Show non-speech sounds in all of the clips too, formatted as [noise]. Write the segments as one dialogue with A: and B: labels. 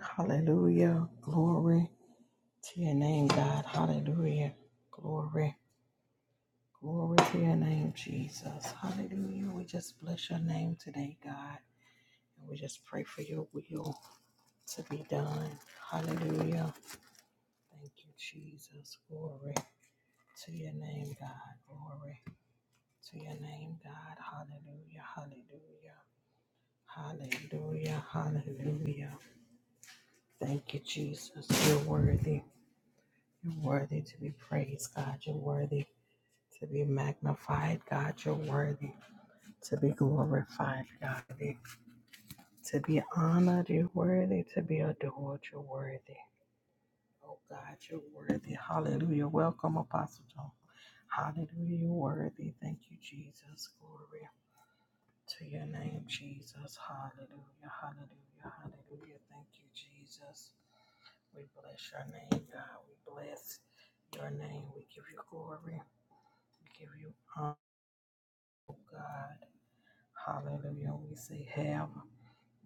A: Hallelujah. Glory to your name, God. Hallelujah. Glory. Glory to your name, Jesus. Hallelujah. We just bless your name today, God. And we just pray for your will to be done. Hallelujah. Thank you, Jesus. Glory to your name, God. Glory to your name, God. Hallelujah. Hallelujah. Hallelujah. Hallelujah. Thank you, Jesus. You're worthy. You're worthy to be praised, God. You're worthy to be magnified, God. You're worthy to be glorified, God. To be honored, you're worthy to be adored. You're worthy. Oh, God, you're worthy. Hallelujah. Welcome, Apostle John. Hallelujah. You're worthy. Thank you, Jesus. Glory to your name, Jesus. Hallelujah. Hallelujah. Hallelujah. Thank you, Jesus. We bless your name, God. We bless your name. We give you glory. give you honor, oh God. Hallelujah. We say, Have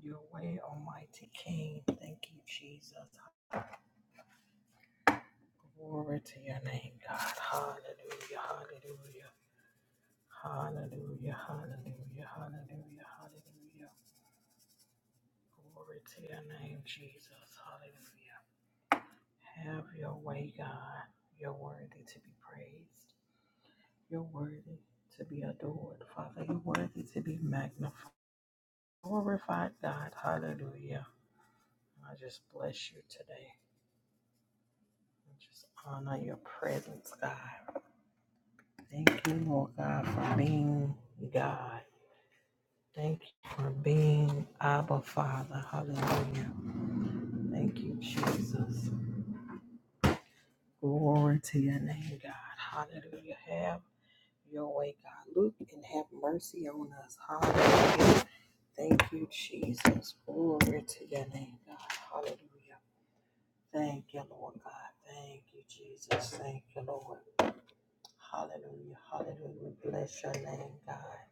A: your way, Almighty King. Thank you, Jesus. Glory to your name, God. Hallelujah. Hallelujah. Hallelujah. Hallelujah. Hallelujah. Hallelujah. Glory to your name, Jesus. Hallelujah. Have your way, God. You're worthy to be praised. You're worthy to be adored, Father. You're worthy to be magnified. Glorified God. Hallelujah. I just bless you today. I just honor your presence, God. Thank you, Lord God, for being God. Thank you for being Abba Father. Hallelujah. Thank you, Jesus. Glory to your name, God. Hallelujah. Have your way, God. Look and have mercy on us. Hallelujah. Thank you, Jesus. Glory to your name, God. Hallelujah. Thank you, Lord God. Thank you, Jesus. Thank you, Lord. Hallelujah, hallelujah. We bless your name, God.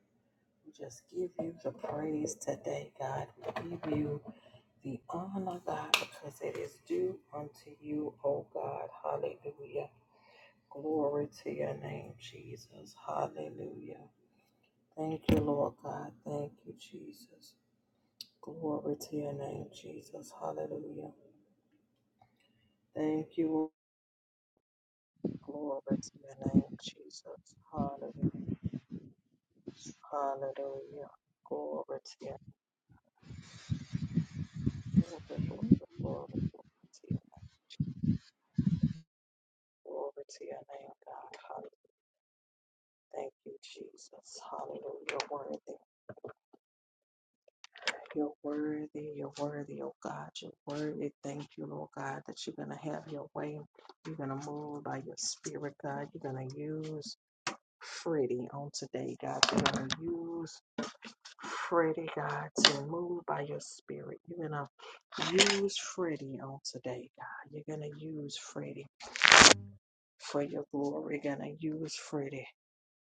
A: We just give you the praise today, God. We give you the honor, God, because it is due unto you, O God. Hallelujah. Glory to your name, Jesus. Hallelujah. Thank you, Lord God. Thank you, Jesus. Glory to your name, Jesus. Hallelujah. Thank you. Glory to your name, Jesus. Hallelujah. Hallelujah. Glory to your Glory, glory, glory, glory to your name, Jesus. Glory to your name, God. Hallelujah. Thank you, Jesus. Hallelujah. You're worthy. You're worthy. You're worthy, oh God. You're worthy. Thank you, Lord God, that you're going to have your way. You're going to move by your spirit, God. You're going to use Freddie on today, God. You're going to use Freddie, God, to move by your spirit. You're going to use Freddie on today, God. You're going to use Freddie. for your glory, You're going to use Freddie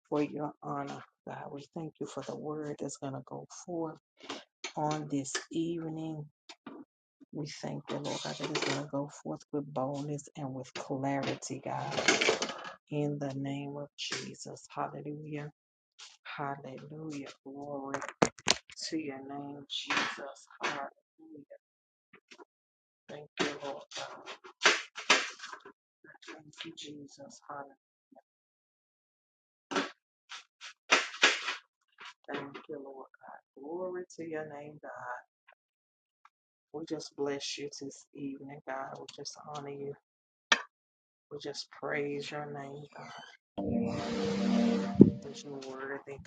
A: for your honor. God, we thank you for the word that's going to go forth on this evening. We thank you, Lord God, that it's going to go forth with boldness and with clarity, God, in the name of Jesus. Hallelujah. Hallelujah. Glory to your name, Jesus. Hallelujah. Thank you, Lord God. Thank you, Jesus. Hallelujah. Thank you, Lord God. Glory to your name, God. We just bless you this evening, God. We just honor you. We just praise your name, God. Because you're worthy.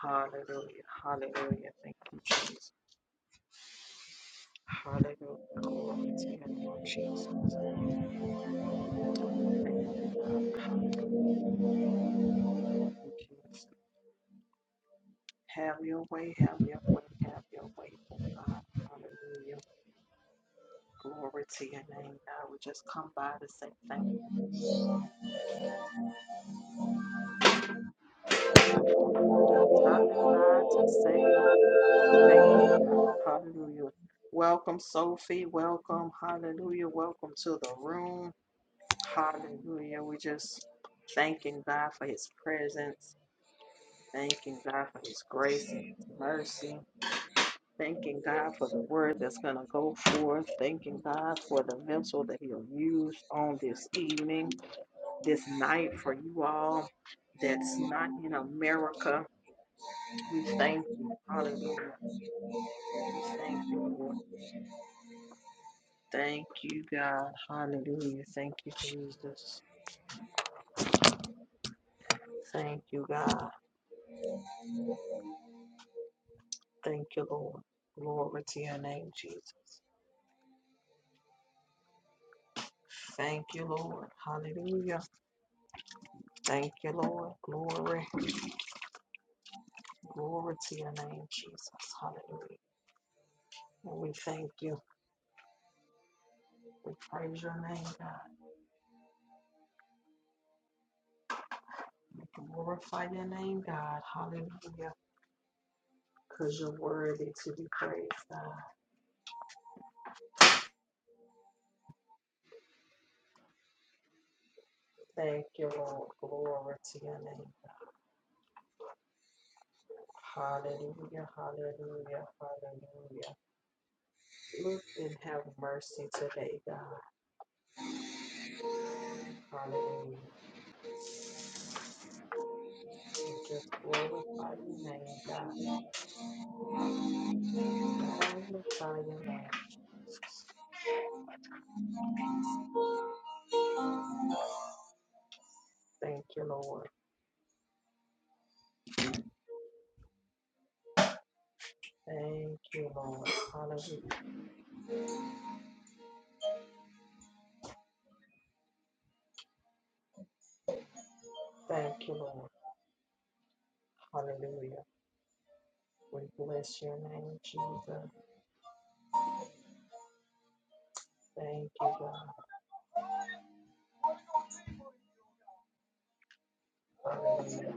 A: Hallelujah. Hallelujah. Thank you, Jesus. Hallelujah. Glory to your name, Jesus. Thank you, God. Hallelujah. Thank you, Jesus. Have your way. Have your way. Have your way, oh God. Hallelujah. Glory to your name, God. We just come by to say thank you. We're Just stopping by to say Thank you, God. Hallelujah. Welcome, Sophie. Welcome. Hallelujah. Welcome to the room. Hallelujah. We just thanking God for his presence. Thanking God for his grace and his mercy. Thanking God for the word that's going to go forth. Thanking God for the vessel that he'll use on this evening, this night for you all that's not in America. We thank you. Hallelujah. We thank you, Lord. Thank you, God. Hallelujah. Thank you, Jesus. Thank you, God. Thank you, Lord. Glory to your name, Jesus. Thank you, Lord. Hallelujah. Thank you, Lord. Glory. Glory to your name, Jesus. Hallelujah. And we thank you. We praise your name, God. We glorify your name, God. Hallelujah. Because you're worthy to be praised, God. Thank you, Lord. Glory to your name. Hallelujah. Hallelujah. Hallelujah. Look and have mercy today, God. Hallelujah. We just glorify your name, God. Magnify your name. Thank you, Lord. Thank you, Lord. Hallelujah. Thank you, Lord. Hallelujah. We bless your name, Jesus. Thank you, God. Hallelujah.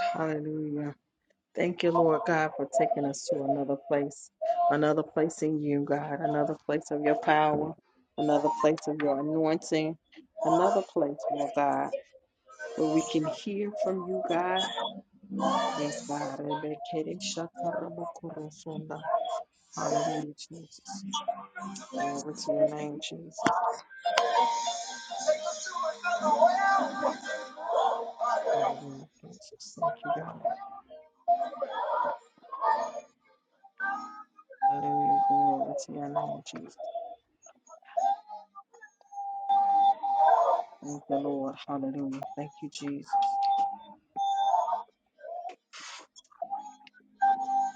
A: Hallelujah. Thank you, Lord God, for taking us to another place, another place in you, God, another place of your power, another place of your anointing, another place, Lord God. where we can hear from you, God. Yes, God. Ebekere Hallelujah, Jesus. Glory to your name, Jesus. Hallelujah, Jesus. Thank you, God. Hallelujah. Glory to your name, Jesus. Thank you, Lord. Hallelujah. Thank you, Jesus.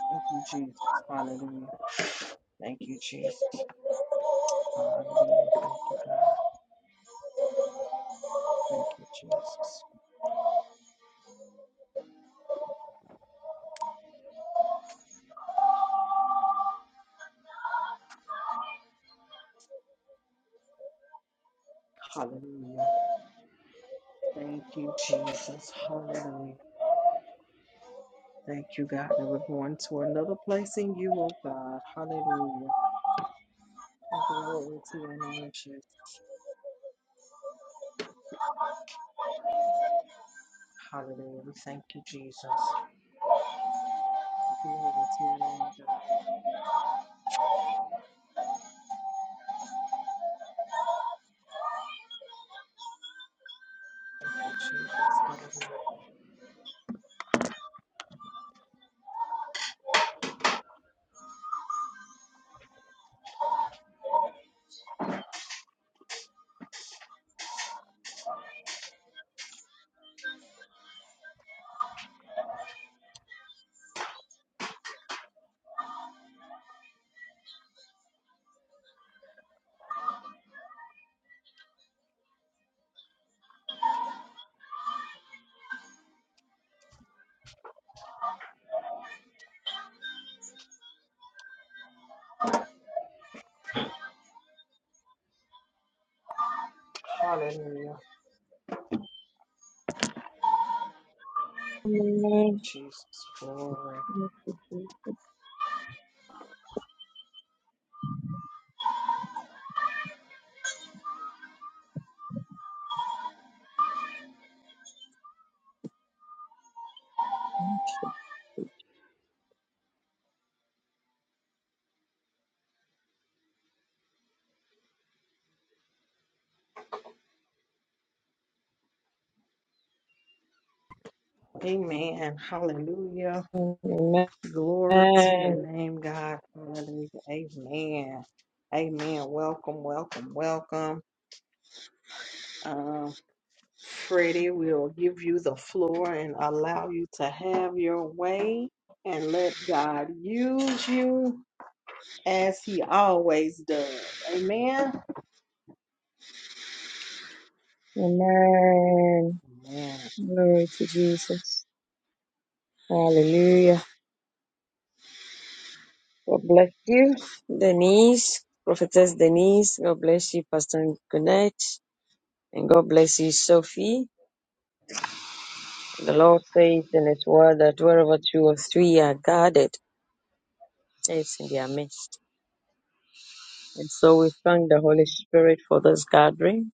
A: Thank you, Jesus. Hallelujah. Thank you, Jesus. Hallelujah. Thank you, God. Thank you, Jesus. Hallelujah. Thank you, Jesus. Hallelujah. Thank you, God, that we're going to another place in you, oh God. Hallelujah. Glory to your name, Jesus. Hallelujah. We thank you, Jesus. Glory to your name, God. Thank you, Jesus. Hallelujah. Hallelujah. Thank you,
B: Amen.
A: Jesus. Glory. Amen. Hallelujah.
B: Amen.
A: Glory to your name, God. Hallelujah. Amen. Amen. Welcome, welcome, welcome. Um, Freddie, we'll give you the floor and allow you to have your way and let God use you as he always does. Amen.
B: Amen.
A: Amen.
B: Glory to Jesus. Hallelujah. God bless you, Denise, Prophetess Denise. God bless you, Pastor Connect. And God bless you, Sophie. The Lord says in His word that wherever two or three are gathered, it's in their midst. And so we thank the Holy Spirit for this gathering.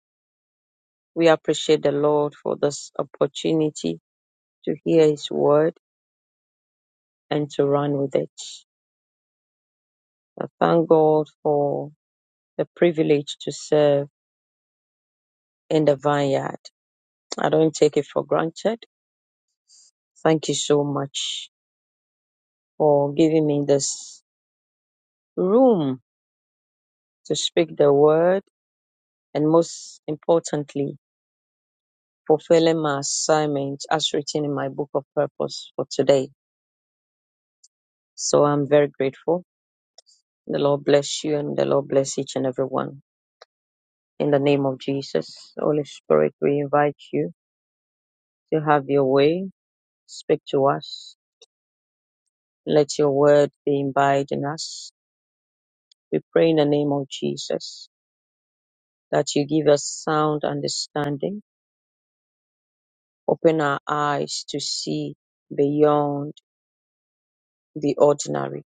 B: We appreciate the Lord for this opportunity to hear His word and to run with it. I thank God for the privilege to serve in the vineyard. I don't take it for granted. Thank you so much for giving me this room to speak the word and most importantly, fulfilling my assignment as written in my book of purpose for today. So I'm very grateful. The Lord bless you and the Lord bless each and every one. In the name of Jesus, Holy Spirit, we invite you to have your way Speak to us. Let your word be imbibed in us. We pray in the name of Jesus that you give us sound understanding. Open our eyes to see beyond the ordinary.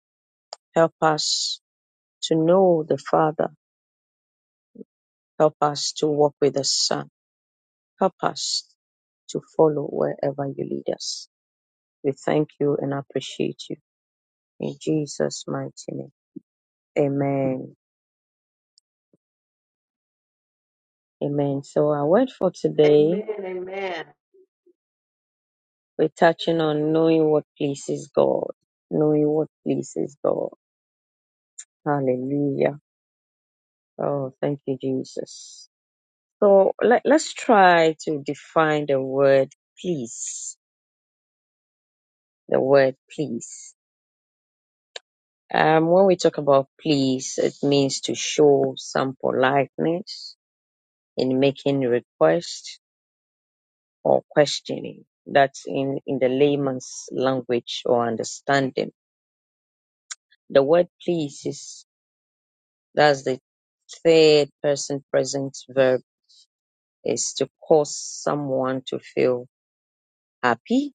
B: Help us to know the Father. Help us to walk with the Son. Help us to follow wherever you lead us. We thank you and appreciate you. In Jesus' mighty name. Amen. Amen. So our word for today
A: Amen. Amen.
B: We're touching on knowing what pleases God, knowing what pleases God. Hallelujah. Oh, thank you, Jesus. So let, let's try to define the word please. The word please. Um, when we talk about please, it means to show some politeness in making request or questioning. That's in, in the layman's language or understanding. The word please is That's the third person present verb is to cause someone to feel happy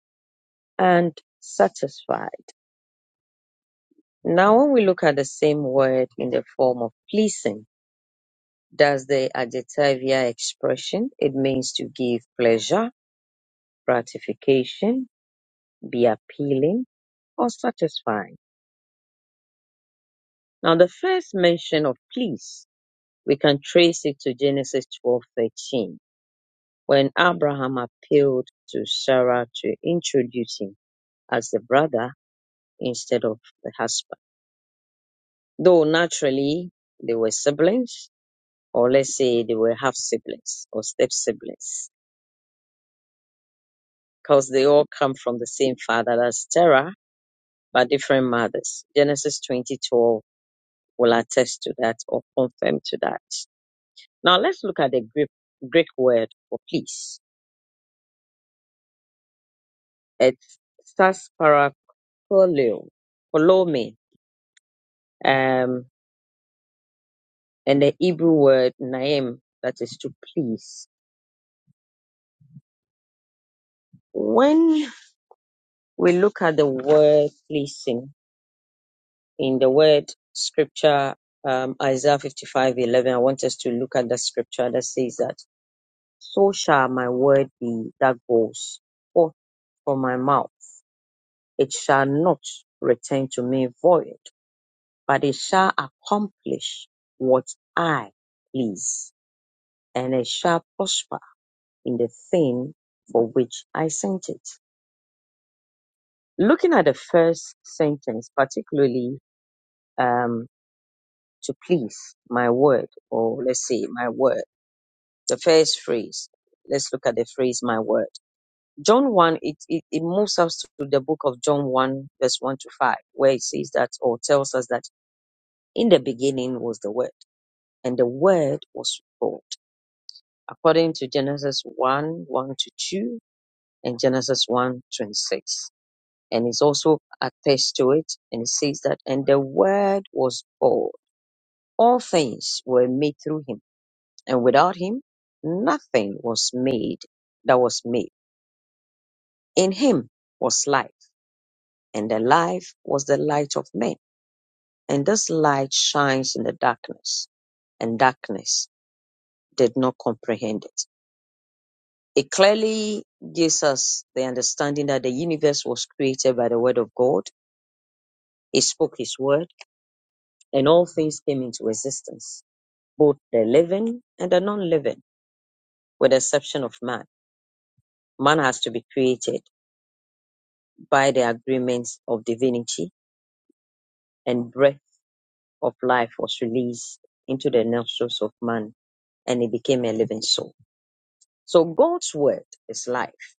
B: and satisfied. Now, when we look at the same word in the form of pleasing, that's the adjectival expression. It means to give pleasure, gratification, be appealing, or satisfying. Now, the first mention of please, we can trace it to Genesis twelve thirteen When Abraham appealed to Sarah to introduce him as the brother instead of the husband, though naturally they were siblings, or let's say they were half siblings or step siblings, because they all come from the same father as Sarah, but different mothers. Genesis 20:12 will attest to that or confirm to that. Now let's look at the Greek, Greek word for peace. It's sarsaparagolio, polome. and the Hebrew word naim, that is to please. When we look at the word pleasing in the word scripture, um, Isaiah 55 11. I want us to look at the scripture that says that, So shall my word be that goes forth from my mouth. It shall not return to me void, but it shall accomplish what I please, and it shall prosper in the thing for which I sent it. Looking at the first sentence, particularly um, to please, my word, or let's say my word, the first phrase. Let's look at the phrase my word. John 1, it, it, it moves us to the book of John 1, verse 1 to 5, where it says that or tells us that in the beginning was the word, and the word was God. According to Genesis 1, 1 to 2, and Genesis one 26, and it's also attached to it and it says that and the word was God All things were made through him, and without him nothing was made that was made. In him was life, and the life was the light of men. And this light shines in the darkness, and darkness did not comprehend it. It clearly gives us the understanding that the universe was created by the word of God. He spoke his word, and all things came into existence, both the living and the non living, with the exception of man. Man has to be created by the agreements of divinity, and breath of life was released into the nostrils of man, and he became a living soul. So God's word is life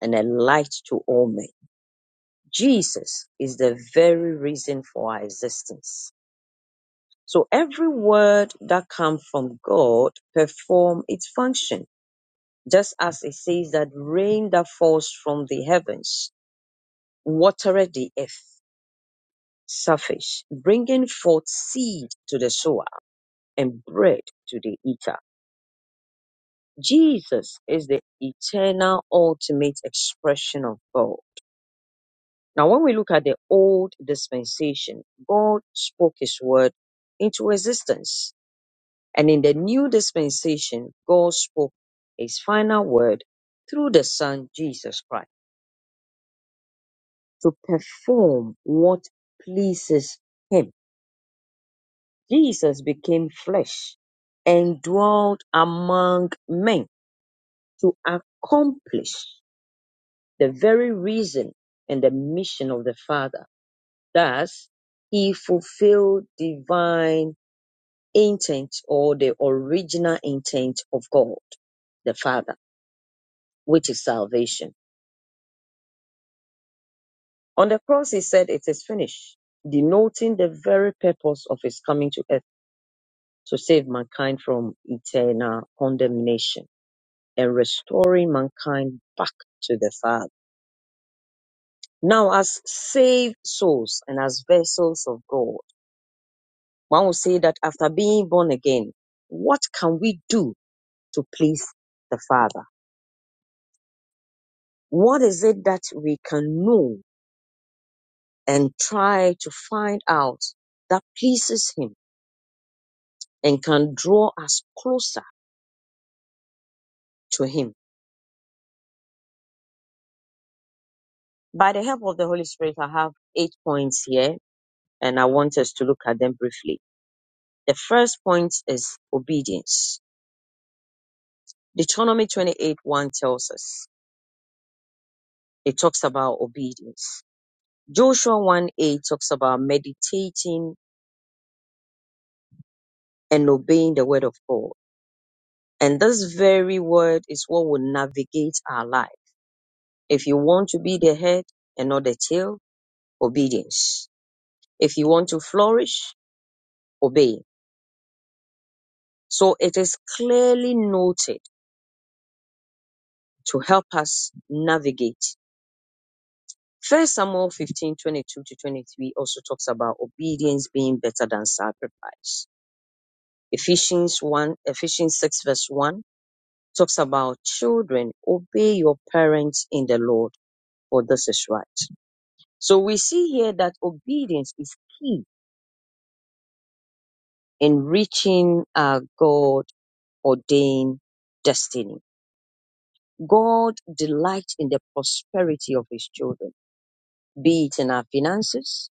B: and a light to all men. Jesus is the very reason for our existence. So every word that comes from God perform its function, just as it says that rain that falls from the heavens watereth the earth surface, bringing forth seed to the sower and bread to the eater. Jesus is the eternal ultimate expression of God. Now, when we look at the old dispensation, God spoke his word into existence. And in the new dispensation, God spoke his final word through the Son, Jesus Christ, to perform what pleases him. Jesus became flesh and dwelt among men to accomplish the very reason and the mission of the Father. Thus, he fulfilled divine intent or the original intent of God, the Father, which is salvation. On the cross, he said, It is finished, denoting the very purpose of his coming to earth to save mankind from eternal condemnation and restoring mankind back to the Father. Now, as saved souls and as vessels of God, One will say that after being born again, what can we do to please the Father? What is it that we can know and try to find out that pleases Him and can draw us closer to Him? By the help of the Holy Spirit, I have eight points here and I want us to look at them briefly. The first point is obedience. Deuteronomy 28 1 tells us, it talks about obedience. Joshua 1 8 talks about meditating and obeying the word of God. And this very word is what will navigate our life. If you want to be the head and not the tail, obedience. If you want to flourish, obey. So it is clearly noted to help us navigate. First Samuel 15 22 to 23 also talks about obedience being better than sacrifice. Ephesians 1, Ephesians 6 verse 1 talks about children, obey your parents in the Lord, for this is right. So we see here that obedience is key in reaching our God ordained destiny. God delights in the prosperity of his children, be it in our finances,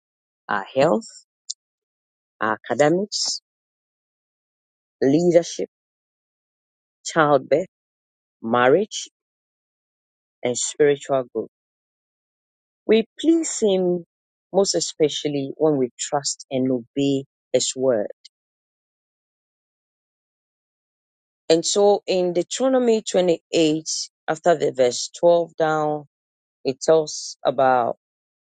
B: our health, our academics, leadership, childbirth, marriage, and spiritual growth. We please him most especially when we trust and obey his word. And so in Deuteronomy 28, after the verse 12 down, It tells about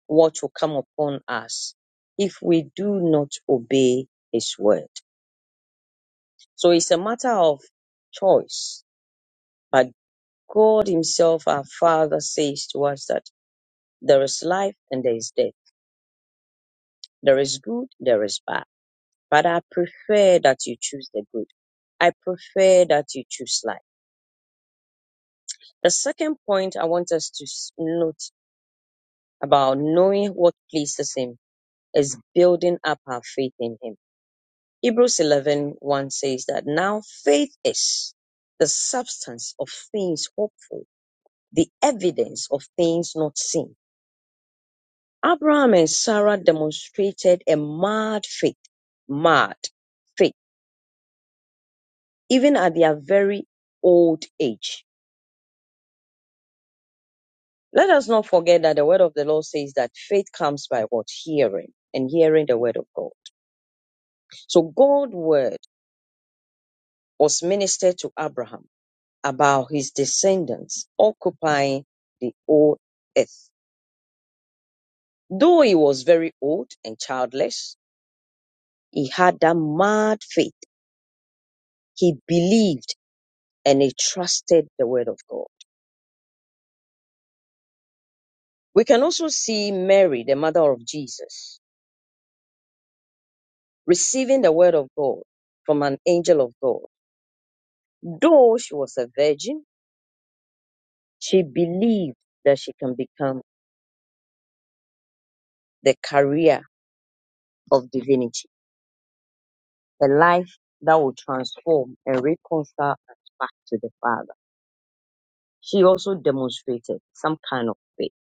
B: what will come upon us if we do not obey His word. So it's a matter of choice. But God Himself, our Father, says to us that there is life and there is death. There is good, there is bad. But I prefer that you choose the good. I prefer that you choose life. The second point I want us to s- note about knowing what pleases Him is building up our faith in Him Hebrews eleven one says that now faith is the substance of things hoped for, the evidence of things not seen. Abraham and Sarah demonstrated a mad faith, mad faith, even at their very old age. Let us not forget that the word of the Lord says that faith comes by what? Hearing, and hearing the word of God. So God's word was ministered to Abraham about his descendants occupying the old earth. Though he was very old and childless, he had that mad faith. He believed and he trusted the word of God. We can also see Mary, the mother of Jesus, receiving the word of God from an angel of God. Though she was a virgin, she believed that she can become the carrier of divinity, a life that will transform and reconcile us back to the Father. She also demonstrated some kind of faith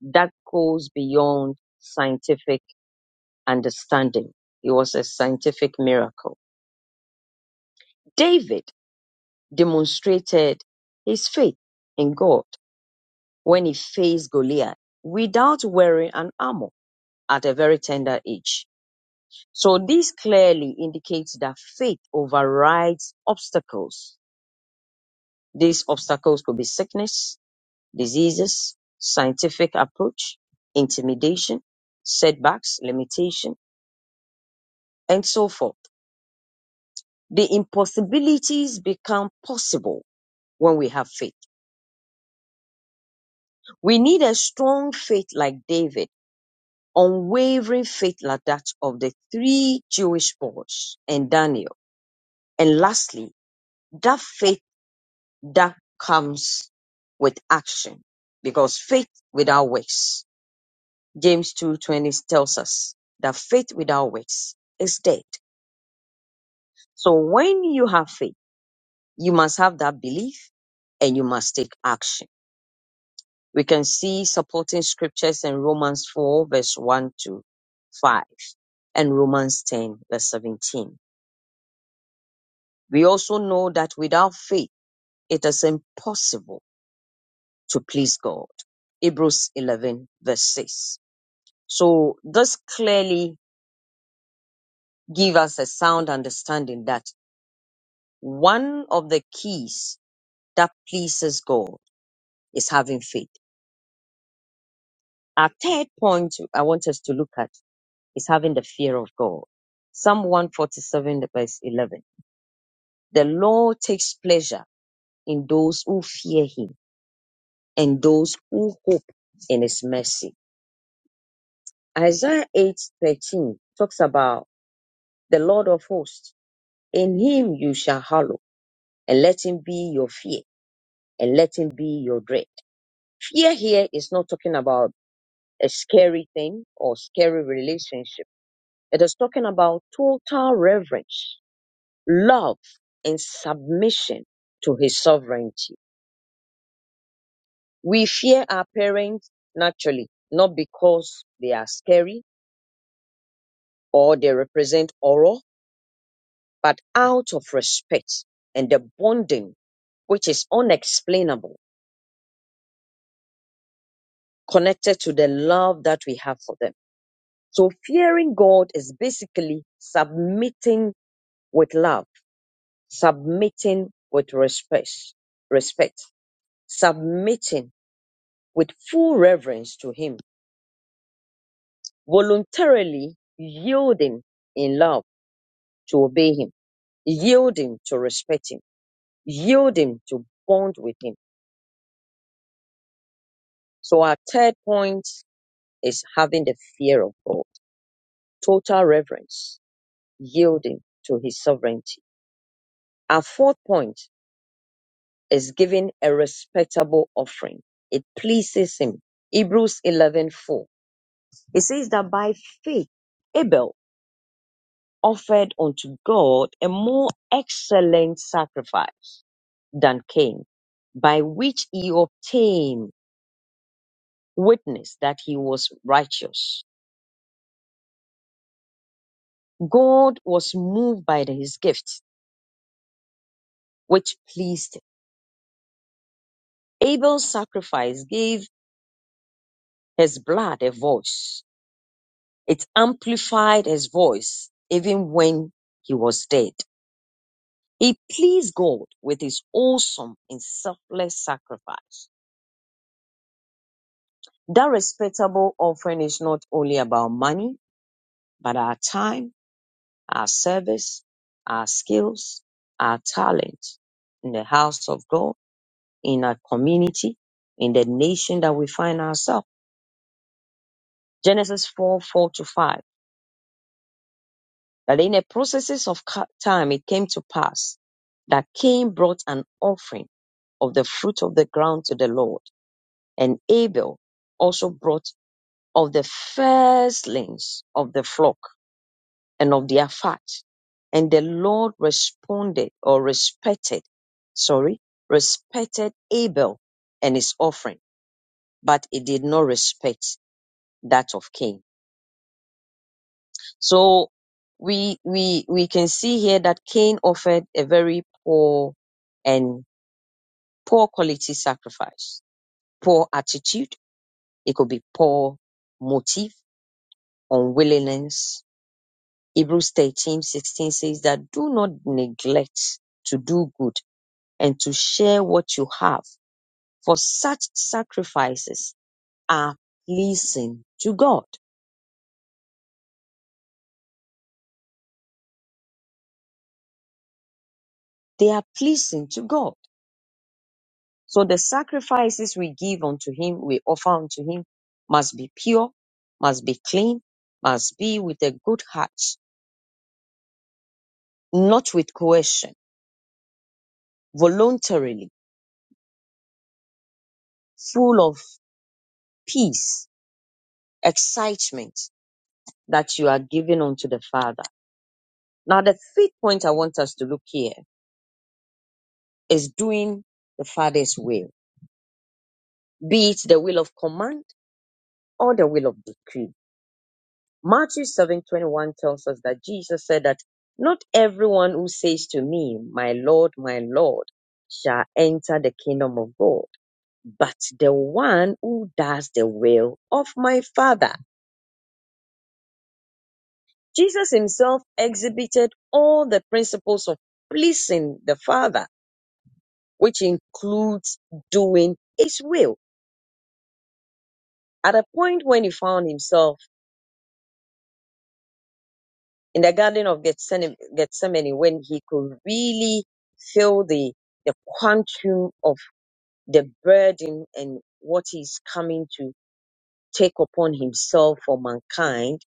B: that goes beyond scientific understanding. It was a scientific miracle. David demonstrated his faith in God when he faced Goliath without wearing an armor at a very tender age. So this clearly indicates that faith overrides obstacles. These obstacles could be sickness, diseases, scientific approach, intimidation, setbacks, limitation, and so forth. The impossibilities become possible when we have faith. We need a strong faith like David, unwavering faith like that of the three Jewish boys and Daniel. And lastly, that faith that comes with action because faith without works, James 2.20 tells us that faith without works is dead. So when you have faith, you must have that belief and you must take action. We can see supporting scriptures in Romans 4 verse 1 to 5 and Romans 10 verse 17. We also know that without faith, it is impossible to please God. Hebrews 11 verse 6. So this clearly gives us a sound understanding that one of the keys that pleases God is having faith Our third point I want us to look at is having the fear of God. Psalm 147, verse 11. The Lord takes pleasure in those who fear him and those who hope in his mercy. Isaiah 8 13 talks about the Lord of hosts. In him you shall hallow and let him be your fear and let him be your dread. Fear here is not talking about a scary thing or scary relationship. It is talking about total reverence love, and submission to his sovereignty. We fear our parents naturally, not because they are scary or they represent horror, but out of respect and the bonding which is unexplainable, connected to the love that we have for them. So fearing God is basically submitting with love, submitting with respect, respect, submitting with full reverence to Him voluntarily yielding in love to obey him, yielding to respect him, yielding to bond with him. So our third point is having the fear of God, total reverence, yielding to his sovereignty. Our fourth point is giving a respectable offering. It pleases him. Hebrews 11:4. It says that by faith, Abel offered unto God a more excellent sacrifice Than Duncan, by which he obtained witness that he was righteous. God was moved by his gift, which pleased him. Abel's sacrifice gave his blood a voice. It amplified his voice even when he was dead. He pleased God with his awesome and selfless sacrifice. That respectable offering is not only about money, but our time our service, our skills, our talent in the house of God, in our community, in the nation that we find ourselves. Genesis 4 4 to 5. That in the processes of ca- time it came to pass that Cain brought an offering of the fruit of the ground to the Lord, and Abel also brought of the firstlings of the flock. and of their fat. And the Lord responded or respected, sorry, respected Abel and his offering, but it did not respect that of Cain. So we, we, we can see here that Cain offered a very poor and poor quality sacrifice, poor attitude. It could be poor motive, unwillingness. Hebrews 13 16 says that do not neglect to do good and to share what you have, for such sacrifices are pleasing to God. They are pleasing to God. So the sacrifices we give unto Him, we offer unto Him, must be pure, must be clean, must be with a good heart, not with coercion, voluntarily, full of peace, excitement that you are giving unto the Father. Now, the fifth point I want us to look here is doing the Father's will be it the will of command or the will of decree. Matthew 7:21 tells us that Jesus said that not everyone who says to me, my Lord, my Lord, shall enter the kingdom of God, but the one who does the will of my Father. Jesus himself exhibited all the principles of pleasing the Father, which includes doing his will. At a point when he found himself in the Garden of Gethsemane, Gethsemane when he could really feel the, the quantum of the burden and what he's coming to take upon himself for mankind,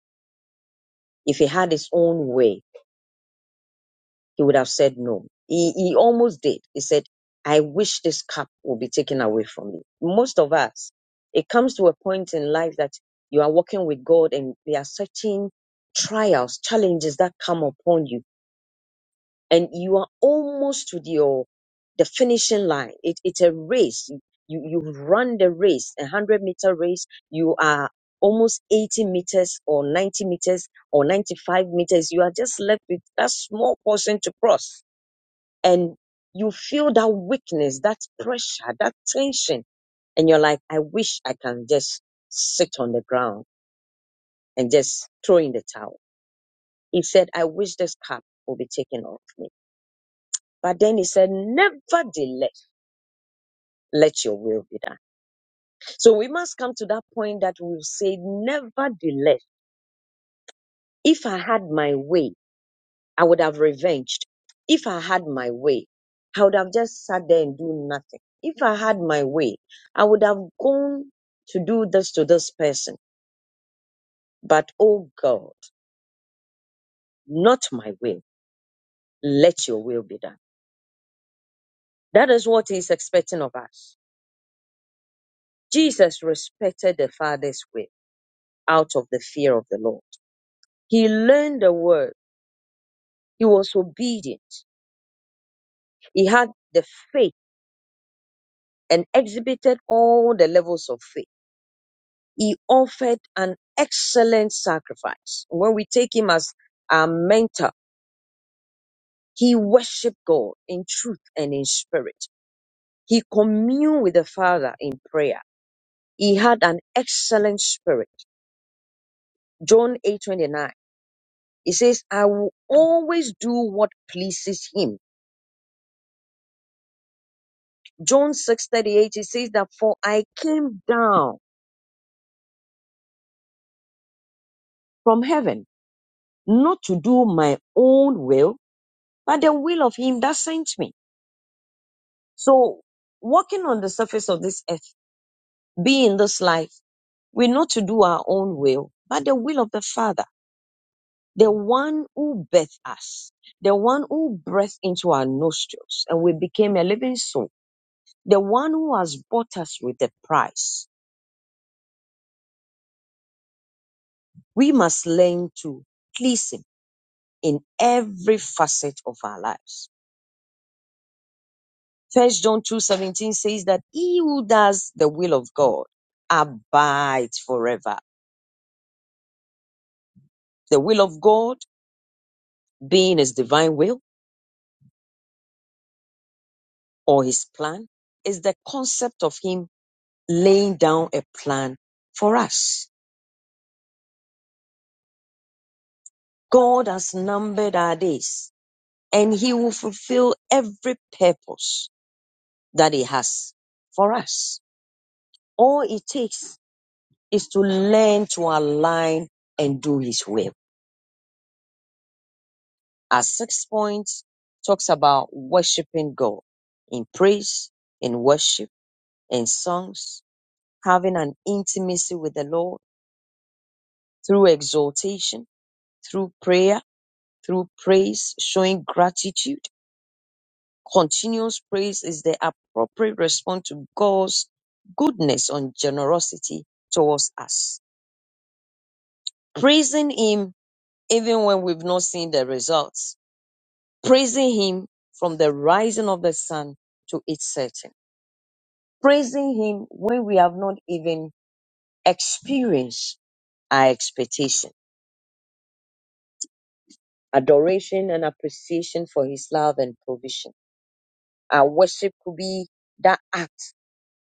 B: if he had his own way, he would have said no. He, he almost did. He said, I wish this cup will be taken away from me. Most of us, it comes to a point in life that you are walking with God and there are certain trials, challenges that come upon you and you are almost to your the finishing line. It, it's a race. You you run the race, a hundred meter race. You are almost 80 meters or 90 meters or 95 meters. You are just left with that small portion to cross, and you feel that weakness, that pressure, that tension, and you're like, I wish I can just sit on the ground and just throw in the towel. He said, I wish this cap will be taken off me. But then he said, nevertheless. let your will be done. So we must come to that point that we'll say, nevertheless, if I had my way, I would have revenged. If I had my way, I would have just sat there and do nothing. If I had my way, I would have gone to do this to this person. But oh God, not my will. Let your will be done. That is what he's expecting of us. Jesus respected the Father's will out of the fear of the Lord. He learned the word. He was obedient. He had the faith and exhibited all the levels of faith. He offered an excellent sacrifice. When we take him as our mentor, he worshiped God in truth and in spirit. He communed with the Father in prayer. He had an excellent spirit. John 8:29. He says, "I will always do what pleases him." John 6:38 He says that for I came down from heaven not to do my own will but the will of him that sent me. So walking on the surface of this earth, being this life, we're not to do our own will, but the will of the Father, the one who birthed us, the one who breathed into our nostrils, and we became a living soul, the one who has bought us with a price. We must learn to please Him in every facet of our lives. First John 2:17 says that he who does the will of God abides forever. The will of God, being his divine will or his plan, is the concept of him laying down a plan for us. God has numbered our days and he will fulfill every purpose that he has for us. All it takes is to learn to align and do his will. Our sixth point talks about worshiping God in praise, in worship, in songs, having an intimacy with the Lord through exaltation, through prayer, through praise, showing gratitude. Continuous praise is the appropriate response to God's goodness and generosity towards us. Praising Him even when we've not seen the results. Praising Him from the rising of the sun to its setting. Praising Him when we have not even experienced our expectation. Adoration and appreciation for His love and provision And worship could be that act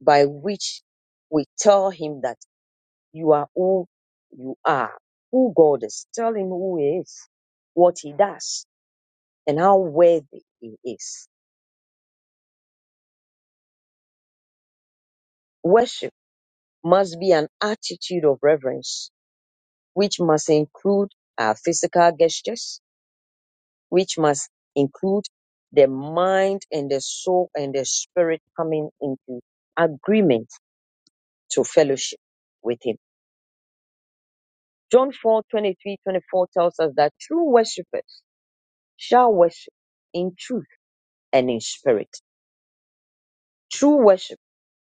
B: by which we tell him that you are who you are, who God is. Tell him who he is, what he does, and how worthy he is. Worship must be an attitude of reverence, which must include our physical gestures, which must include the mind and the soul and the spirit coming into agreement to fellowship with him John 4 23 24 tells us that true worshippers shall worship in truth and in spirit. True worship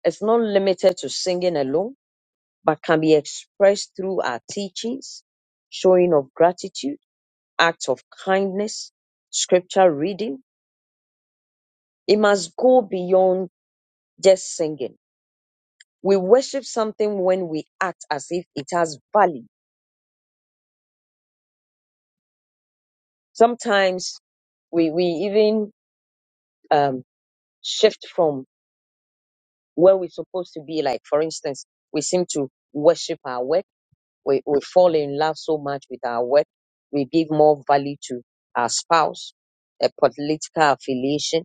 B: is not limited to singing alone, but can be expressed through our teachings, showing of gratitude, acts of kindness, scripture reading. It must go beyond just singing. We worship something when we act as if it has value. Sometimes we, we even um, shift from where we're supposed to be. Like, for instance, we seem to worship our work. We, we fall in love so much with our work. We give more value to our spouse, a political affiliation,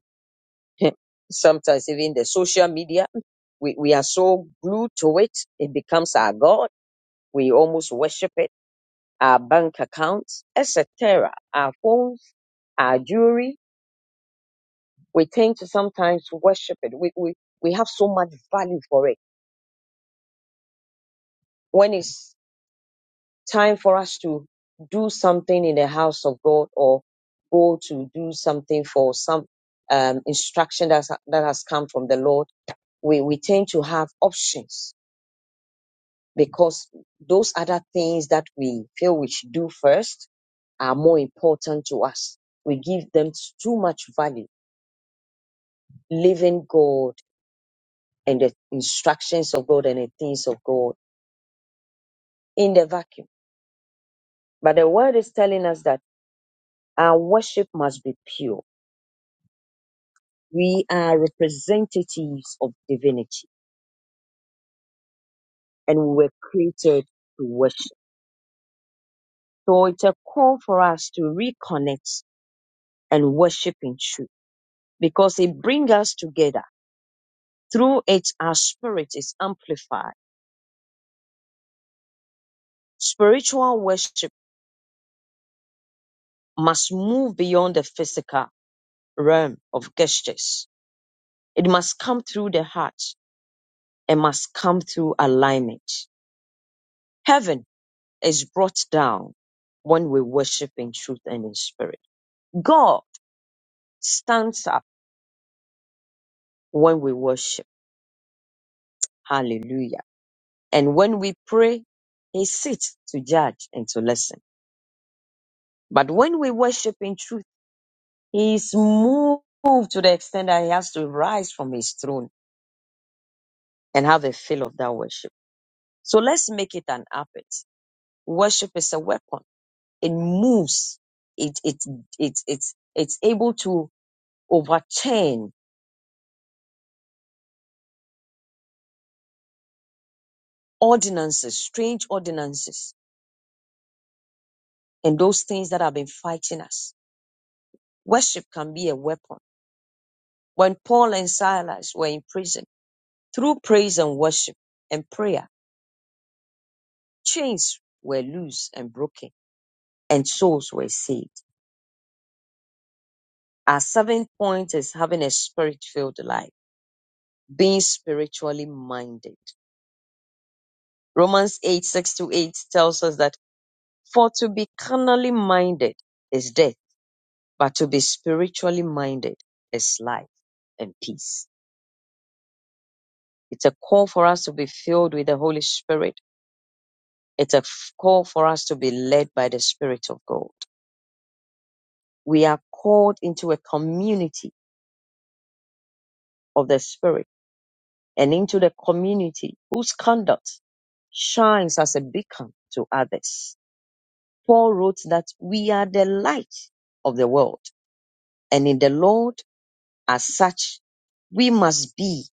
B: [laughs] sometimes even the social media. We, we are so glued to it. It becomes our God. We almost worship it. Our bank accounts, etc. Our phones, our jewelry. We tend to sometimes worship it. We, we, we have so much value for it. When it's time for us to do something in the house of God or go to do something for some um, instruction that's, that has come from the Lord, we, we tend to have options because those other things that we feel we should do first are more important to us. We give them too much value, leaving God and the instructions of God and the things of God in the vacuum. But the word is telling us that our worship must be pure We are representatives of divinity and we were created to worship. So it's a call for us to reconnect and worship in truth because it brings us together. Through it, our spirit is amplified. Spiritual worship must move beyond the physical realm of gestures. It must come through the heart and must come through alignment. Heaven is brought down when we worship in truth and in spirit. God stands up when we worship. Hallelujah. And when we pray, he sits to judge and to listen. But when we worship in truth, he is moved to the extent that he has to rise from his throne and have a feel of that worship. So let's make it an habit. Worship is a weapon. It moves. It, it, it, it's, it's able to overturn ordinances, strange ordinances, and those things that have been fighting us. Worship can be a weapon When Paul and Silas were in prison, through praise and worship and prayer, chains were loose and broken, and souls were saved. Our seventh point is having a spirit filled life, being spiritually minded. Romans 8 6 to 8 tells us that for to be carnally minded is death, but to be spiritually minded is life and peace. It's a call for us to be filled with the Holy Spirit It's a f- call for us to be led by the Spirit of God. We are called into a community of the Spirit and into the community whose conduct shines as a beacon to others. Paul wrote that we are the light of the world and in the Lord as such, we must be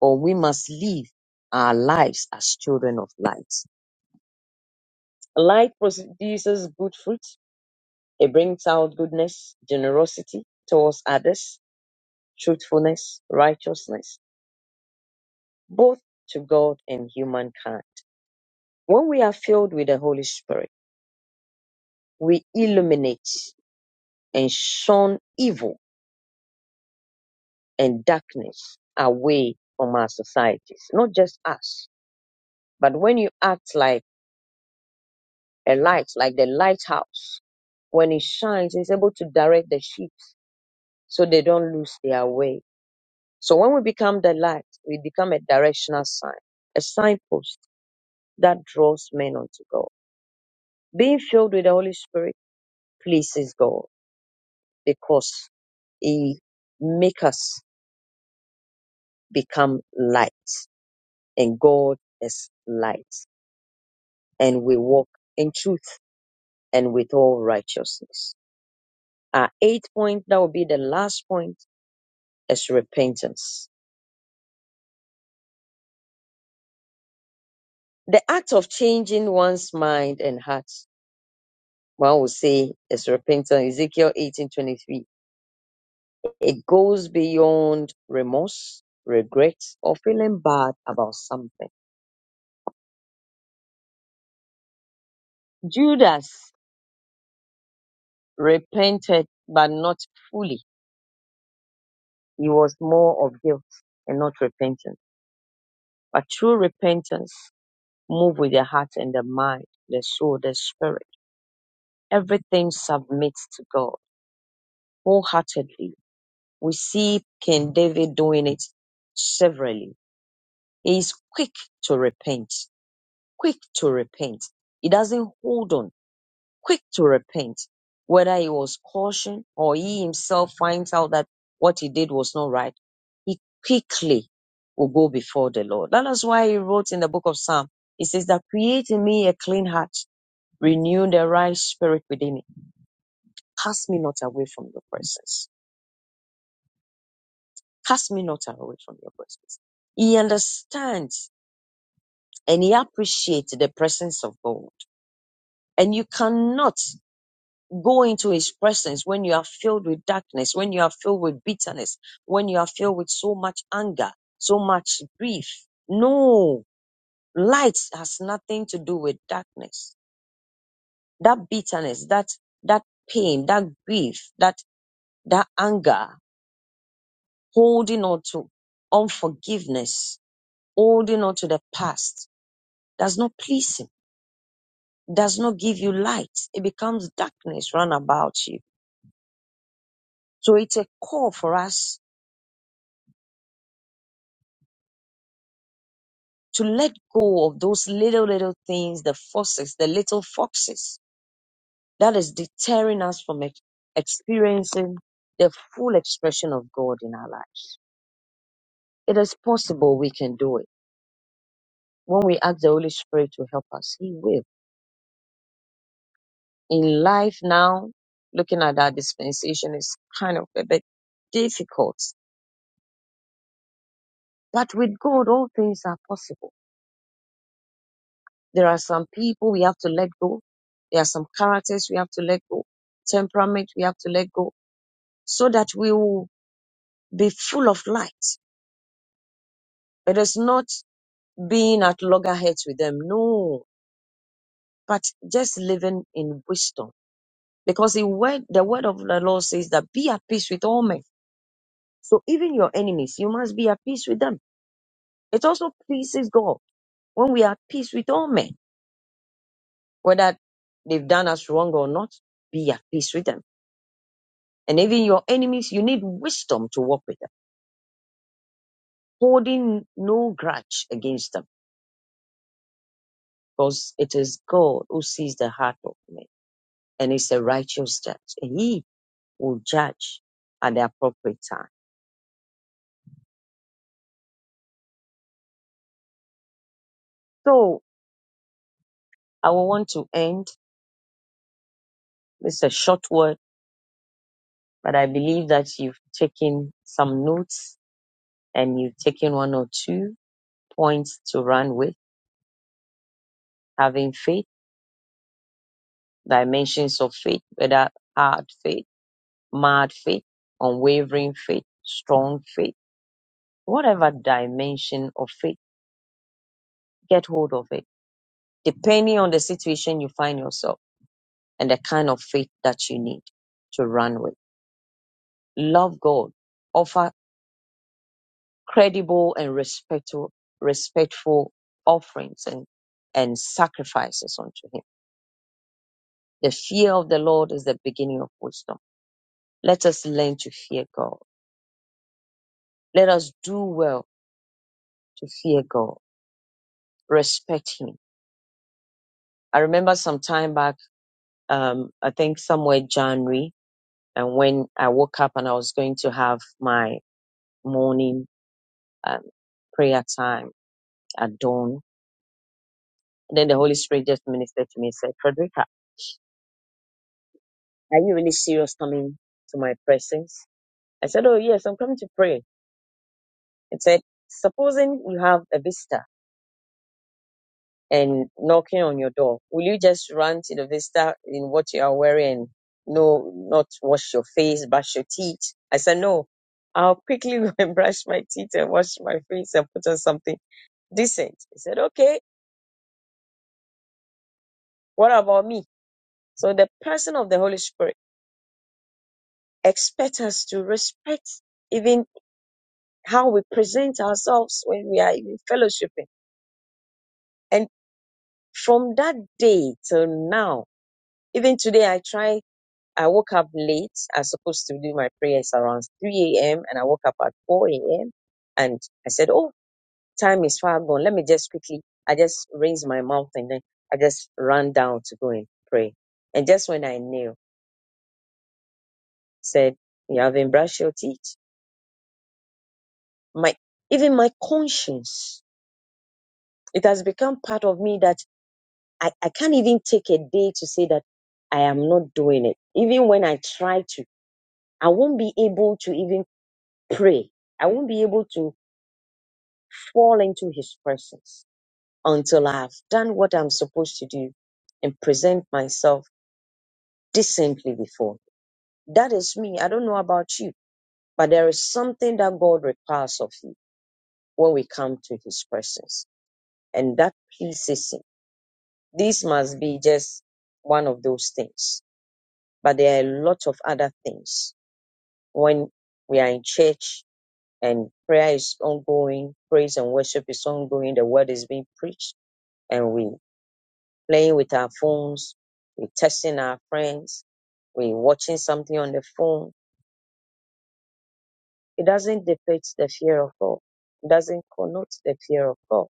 B: or we must live our lives as children of light. Light produces good fruit. It brings out goodness, generosity towards others, truthfulness, righteousness, both to God and humankind. When we are filled with the Holy Spirit, we illuminate and shun evil and darkness away from our societies, not just us. But when you act like a light, like the lighthouse, when it shines, it's able to direct the sheep so they don't lose their way. So when we become the light, we become a directional sign, a signpost that draws men unto God. Being filled with the Holy Spirit pleases God because He makes us become light, and God is light, and we walk in truth and with all righteousness. Our eighth point, that will be the last point, is repentance. The act of changing one's mind and heart, one would say, is repentance. Ezekiel 18:23. It goes beyond remorse, regret, or feeling bad about something Judas repented, but not fully. He was more of guilt and not repentance. But true repentance moves with the heart and the mind, the soul, the spirit. Everything submits to God wholeheartedly. We see King David doing it severally. He is quick to repent, quick to repent. He doesn't hold on quick to repent, whether he was cautioned or he himself finds out that what he did was not right, he quickly will go before the Lord. That is why he wrote in the book of Psalm, he says that create in me a clean heart, renew the right spirit within me. Cast me not away from your presence. Cast me not away from your presence. He understands and he appreciates the presence of God. And you cannot Go into his presence when you are filled with darkness, when you are filled with bitterness, when you are filled with so much anger, so much grief. No, light has nothing to do with darkness. That bitterness, that, that pain, that grief, that, that anger, holding on to unforgiveness, holding on to the past does not please him, does not give you light. It becomes darkness round about you. So it's a call for us to let go of those little, little things, the forces, the little foxes that is deterring us from ex- experiencing the full expression of God in our lives. It is possible we can do it. When we ask the Holy Spirit to help us, He will. In life now, looking at that dispensation is kind of a bit difficult. But with God, all things are possible. There are some people we have to let go. There are some characters we have to let go. Temperament we have to let go so that we will be full of light. It is not being at loggerheads with them, no, but just living in wisdom. Because the word, the word of the Lord says that be at peace with all men. So even your enemies, you must be at peace with them. It also pleases God when we are at peace with all men, whether they've done us wrong or not, be at peace with them. And even your enemies, you need wisdom to walk with them, holding no grudge against them because it is God who sees the heart of men, and it's a righteous judge. And he will judge at the appropriate time. So I will want to end. It's a short word, but I believe that you've taken some notes and you've taken one or two points to run with. Having faith, dimensions of faith, whether hard faith, mild faith, unwavering faith, strong faith, whatever dimension of faith, get hold of it depending on the situation you find yourself and the kind of faith that you need to run with. Love God. Offer credible and respectful, respectful offerings and, and sacrifices unto Him. The fear of the Lord is the beginning of wisdom. Let us learn to fear God. Let us do well to fear God. Respect Him. I remember some time back, um, I think somewhere January, and when I woke up and I was going to have my morning um, prayer time at dawn. And then the Holy Spirit just ministered to me and said, Frederica, are you really serious coming to my presence? I said, Oh, yes, I'm coming to pray. It said, Supposing you have a visitor and knocking on your door, will you just run to the visitor in what you are wearing? No, not wash your face, brush your teeth. I said, No, I'll quickly [laughs] go and brush my teeth and wash my face and put on something decent. He said, Okay, what about me? So the person of the Holy Spirit expect us to respect even how we present ourselves when we are even fellowshipping. And from that day till now, even today, I try. I woke up late. I'm supposed to do my prayers around 3 a.m. and I woke up at 4 a.m. And I said, Oh, time is far gone. Let me just quickly. I just raised my mouth and then I just ran down to go and pray. And just when I knew, said, You haven't brushed your teeth. My, even my conscience It has become part of me that I, I can't even take a day to say that I am not doing it. Even when I try to, I won't be able to even pray. I won't be able to fall into his presence until I have done what I'm supposed to do and present myself decently before. him. That is me. I don't know about you, but there is something that God requires of you when we come to his presence. And that pleases him. This must be just one of those things. but there are a lot of other things when we are in church and prayer is ongoing, praise and worship is ongoing, the word is being preached, and we playing with our phones, we texting our friends, we watching something on the phone. It doesn't depict the fear of God. It doesn't connote the fear of God.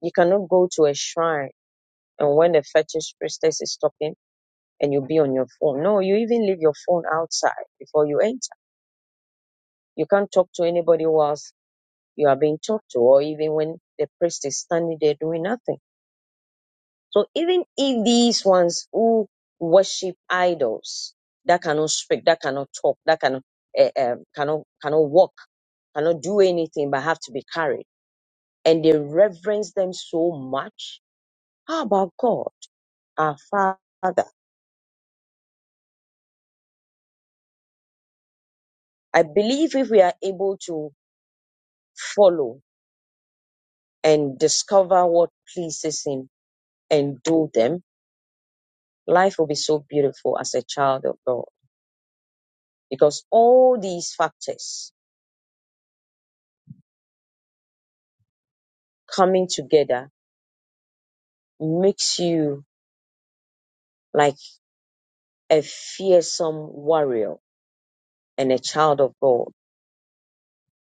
B: You cannot go to a shrine and when the fetish priestess is talking and you be on your phone. No, you even leave your phone outside before you enter. You can't talk to anybody while you are being talked to, or even when the priest is standing there doing nothing. So even if these ones who worship idols that cannot speak, that cannot talk, that cannot uh, um, cannot cannot walk, cannot do anything, but have to be carried, and they reverence them so much. How about God, our Father? I believe if we are able to follow and discover what pleases Him and do them, life will be so beautiful as a child of God. because all these factors coming together makes you like a fearsome warrior and a child of God.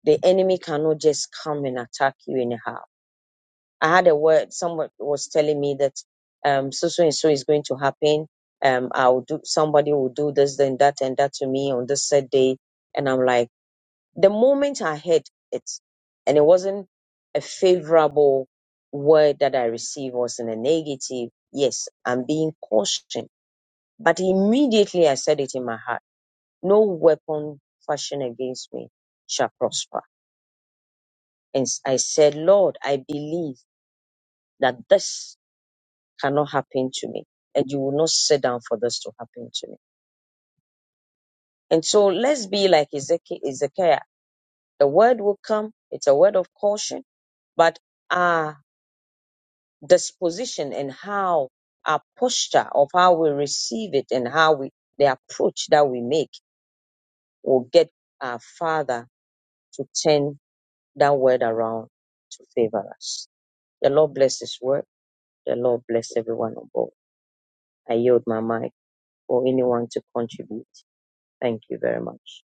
B: The enemy cannot just come and attack you anyhow. I had a word, someone was telling me that um, so, so and so is going to happen. Um, I'll do, somebody will do this, then that, and that to me on this said day. And I'm like, The moment I heard it, and it wasn't a favorable word that I received, was in a negative, yes, I'm being cautioned. But immediately I said it in my heart no weapon fashioned against me shall prosper. And s- I said, Lord, I believe that this cannot happen to me, and you will not sit down for this to happen to me. And so let's be like Ezek- Ezekiel. The word will come, it's a word of caution, but ah. disposition and how our posture of how we receive it and how we the approach that we make will get our father to turn that word around to favor us. The Lord bless his word. The Lord bless everyone on board. I yield my mic for anyone to contribute. Thank you very much.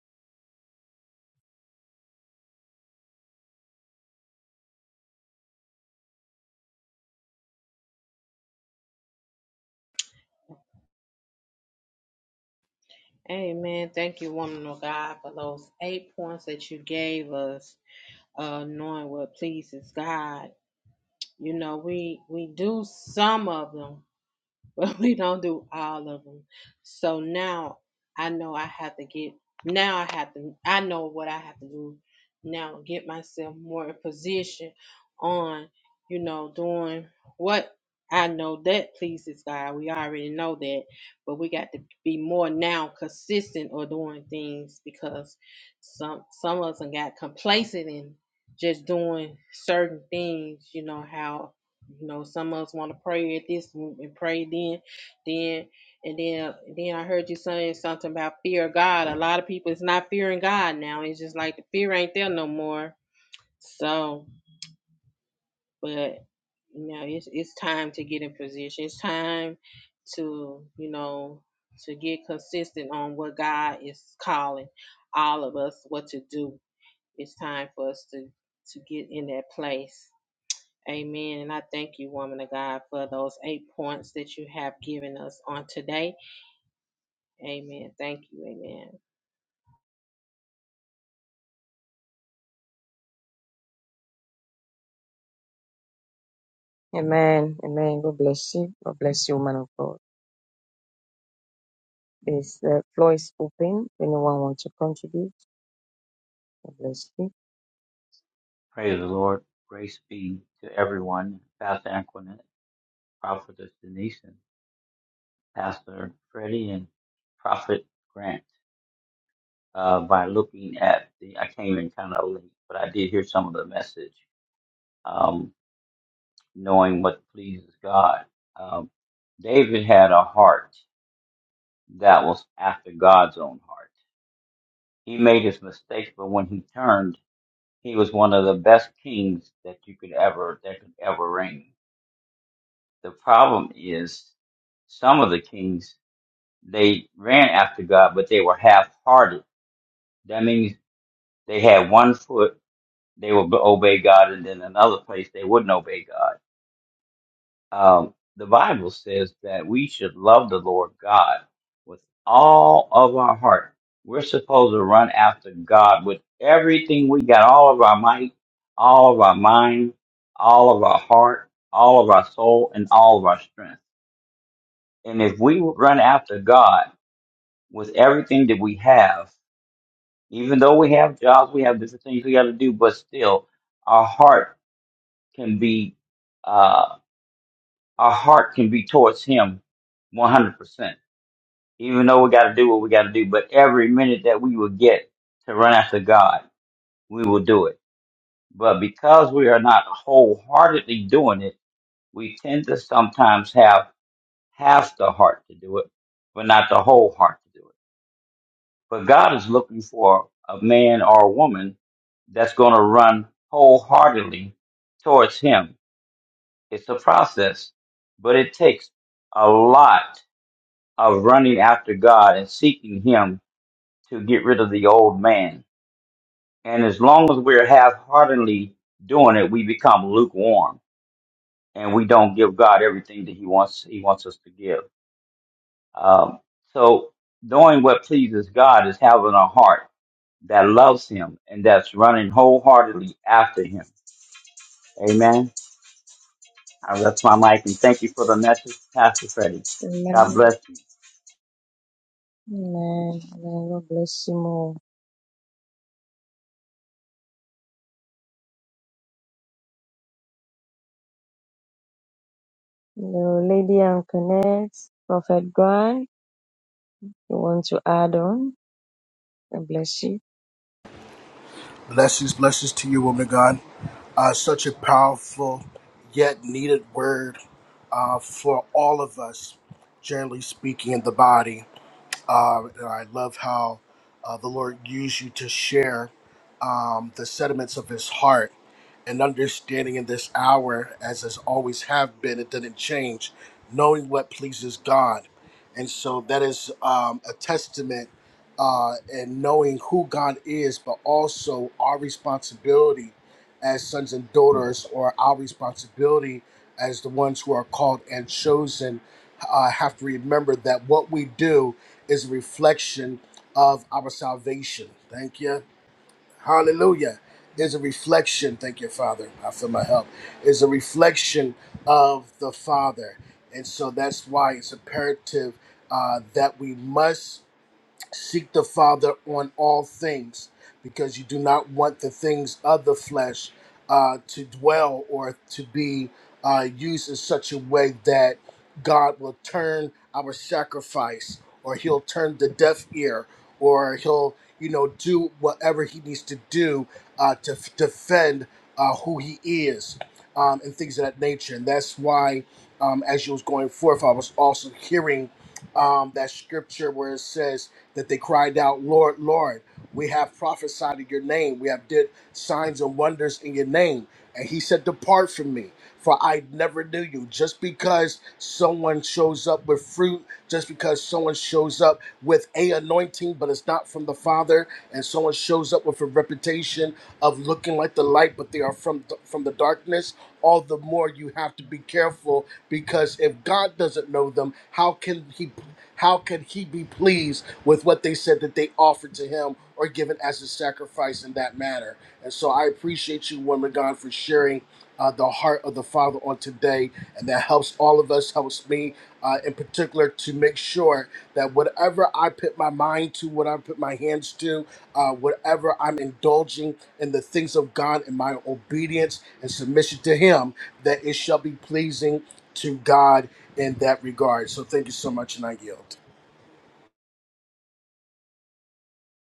C: Amen. Thank you, woman of God, for those eight points that you gave us, uh, knowing what pleases God. You know, we we do some of them, [laughs] but we don't do all of them. So now I know I have to get, now I have to, I know what I have to do now, get myself more in position on, you know, doing what I know that pleases God. We already know that, but we got to be more now consistent or doing things because some, some of us done got complacent in just doing certain things, you know, how you know, some of us want to pray at this and and pray then, then, and then, then I heard you saying something about fear of God. A lot of people it's not fearing God now. It's just like the fear ain't there no more. So, but you know, it's it's time to get in position. It's time to you know to get consistent on what God is calling all of us what to do. It's time for us to to get in that place Amen. And I thank you, woman of God, for those eight points that you have given us on today. Amen. Thank you. Amen.
B: Amen. Amen. God bless you. God bless you, man of God. This the floor is open. If Anyone wants to contribute? God bless you.
D: Praise the Lord. Grace be to everyone. Pastor Anquinet, Prophetess Denise, and Pastor Freddie, and Prophet Grant. Uh, by looking at the, I came in kind of late, but I did hear some of the message, um, knowing what pleases God. Um, David had a heart that was after God's own heart. He made his mistakes, but when he turned, he was one of the best kings that you could ever, that could ever reign The problem is some of the kings they ran after God, but they were half-hearted. That means they had one foot they would obey God, and then another place they wouldn't obey God. Um, the Bible says that we should love the Lord God with all of our heart. We're supposed to run after God with everything we got, all of our might, all of our mind, all of our heart, all of our soul, and all of our strength And if we run after God with everything that we have, even though we have jobs, we have different things we got to do, but still, our heart can be, uh, our heart can be towards Him, one hundred percent. Even though we got to do what we got to do, but every minute that we will get to run after God, we will do it. But because we are not wholeheartedly doing it, we tend to sometimes have half the heart to do it, but not the whole heart to do it. But God is looking for a man or a woman that's going to run wholeheartedly towards Him. It's a process, but it takes a lot of running after God and seeking Him to get rid of the old man. And as long as we're half heartedly doing it, we become lukewarm and we don't give God everything that He wants, He wants us to give. Um, so, knowing what pleases God is having a heart that loves him and that's running wholeheartedly after him. Amen. I rest my mic and thank you for the message, Pastor Freddie. God
B: Amen.
D: bless you.
B: Amen. Amen. God bless you more. Hello, Lady Antoinette, Prophet Guan, you want to add on? God bless you.
E: Blessings, blessings to you, woman of God. Uh, such a powerful yet needed word uh, for all of us, generally speaking, in the body. Uh, and I love how uh, the Lord used you to share um, the sediments of his heart and understanding in this hour, as has always have been, it didn't change, knowing what pleases God. And so that is um, a testament uh, and knowing who God is, but also our responsibility as sons and daughters, or our responsibility as the ones who are called and chosen, uh, have to remember that what we do is a reflection of our salvation. Thank you Hallelujah. Is a reflection, thank you, Father. I feel my help. Is a reflection of the Father. And so that's why it's imperative uh, that we must Seek the Father on all things, because you do not want the things of the flesh uh, to dwell or to be uh, used in such a way that God will turn our sacrifice, or He'll turn the deaf ear, or He'll, you know, do whatever He needs to do uh, to f- defend uh, who He is, um, and things of that nature. And that's why, um, as you was going forth, I was also hearing um, that scripture where it says that they cried out, Lord, Lord, we have prophesied in your name. We have did signs and wonders in your name. And he said, Depart from me, for I never knew you. Just because someone shows up with fruit just because someone shows up with a anointing, but it's not from the Father, and someone shows up with a reputation of looking like the light, but they are from th- from the darkness, all the more you have to be careful because if God doesn't know them, how can he how can he be pleased with what they said that they offered to him or given as a sacrifice in that manner? And so I appreciate you, woman of God, for sharing uh, the heart of the Father on today and that helps all of us helps me uh, in particular to make sure that whatever i put my mind to what i put my hands to uh, whatever i'm indulging in the things of god and my obedience and submission to him that it shall be pleasing to god in that regard so thank you so much and i yield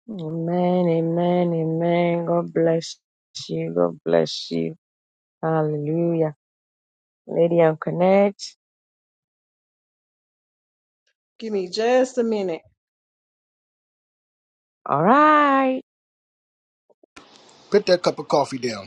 B: Amen. Amen. Amen. God bless you. God bless you. Hallelujah. Lady Antoinette.
A: Give me just a minute.
B: All right.
E: put that cup of coffee down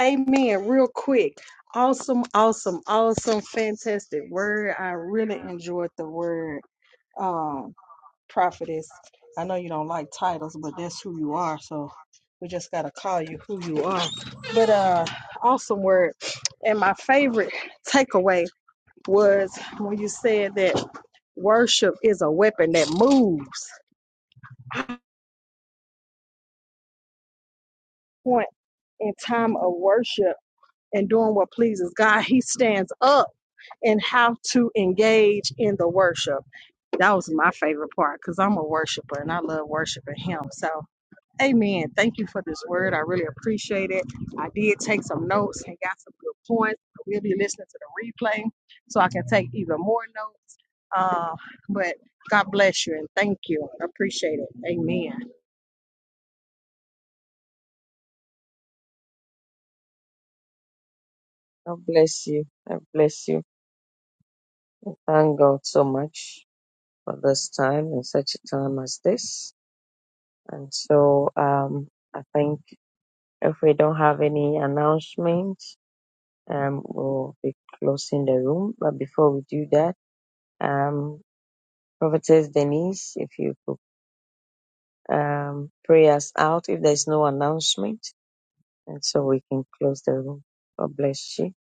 A: Amen. Real quick. Awesome, awesome, awesome, fantastic word. I really enjoyed the word. Um, prophetess. I know you don't like titles, but that's who you are. So we just gotta call you who you are. But uh, awesome word. And my favorite takeaway was when you said that worship is a weapon that moves. Point in time of worship and doing what pleases God, He stands up and how to engage in the worship. That was my favorite part because I'm a worshiper and I love worshiping Him. So Amen. Thank you for this word. I really appreciate it. I did take some notes and got some good points. We'll be listening to the replay so I can take even more notes. Uh, but God bless you and thank you. I appreciate it. Amen.
B: God bless you. God bless you. Thank God so much for this time and such a time as this. And so, um, I think if we don't have any announcements, Um, we'll be closing the room, but before we do that, um, Prophetess Denise, if you could um, pray us out if there's no announcement, and so we can close the room. God bless you.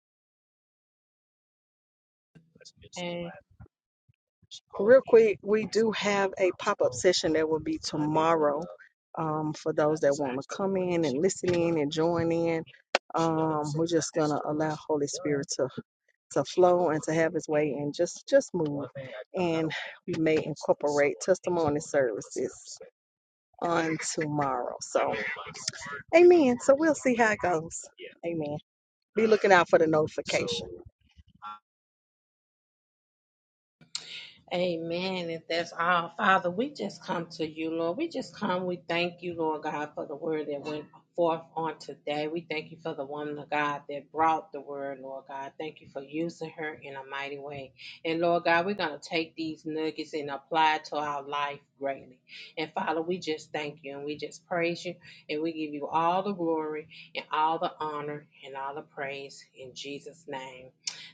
C: Amen.
A: Real quick, we do have a pop up session that will be tomorrow um, for those that want to come in and listen in and join in. Um, we're just gonna allow Holy Spirit to to flow and to have His way and just just move. And we may incorporate testimony services on tomorrow. So, Amen. So we'll see how it goes. Amen. Be looking out for the notification.
C: Amen. If that's all, Father, we just come to you, Lord. We just come. We thank you, Lord God, for the word that went forth on today. We thank you for the woman of God that brought the word, Lord God. Thank you for using her in a mighty way. And Lord God, we're going to take these nuggets and apply it to our life greatly. And Father, we just thank you and we just praise you and we give you all the glory and all the honor and all the praise in Jesus' name.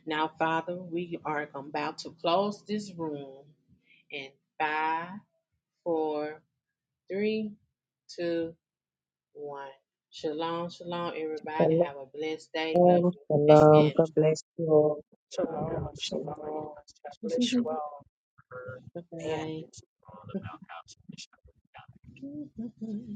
C: Now, Father, we are about to close this room in five, four, three, two, one. Shalom, shalom, everybody.
B: Shalom,
C: Have a blessed day. Love
B: shalom.
C: you.
B: God bless you all. God
A: Shalom,
B: bless you.
A: shalom. God bless you
C: Amen.
A: all. Man. Oh.
C: [laughs] Bye.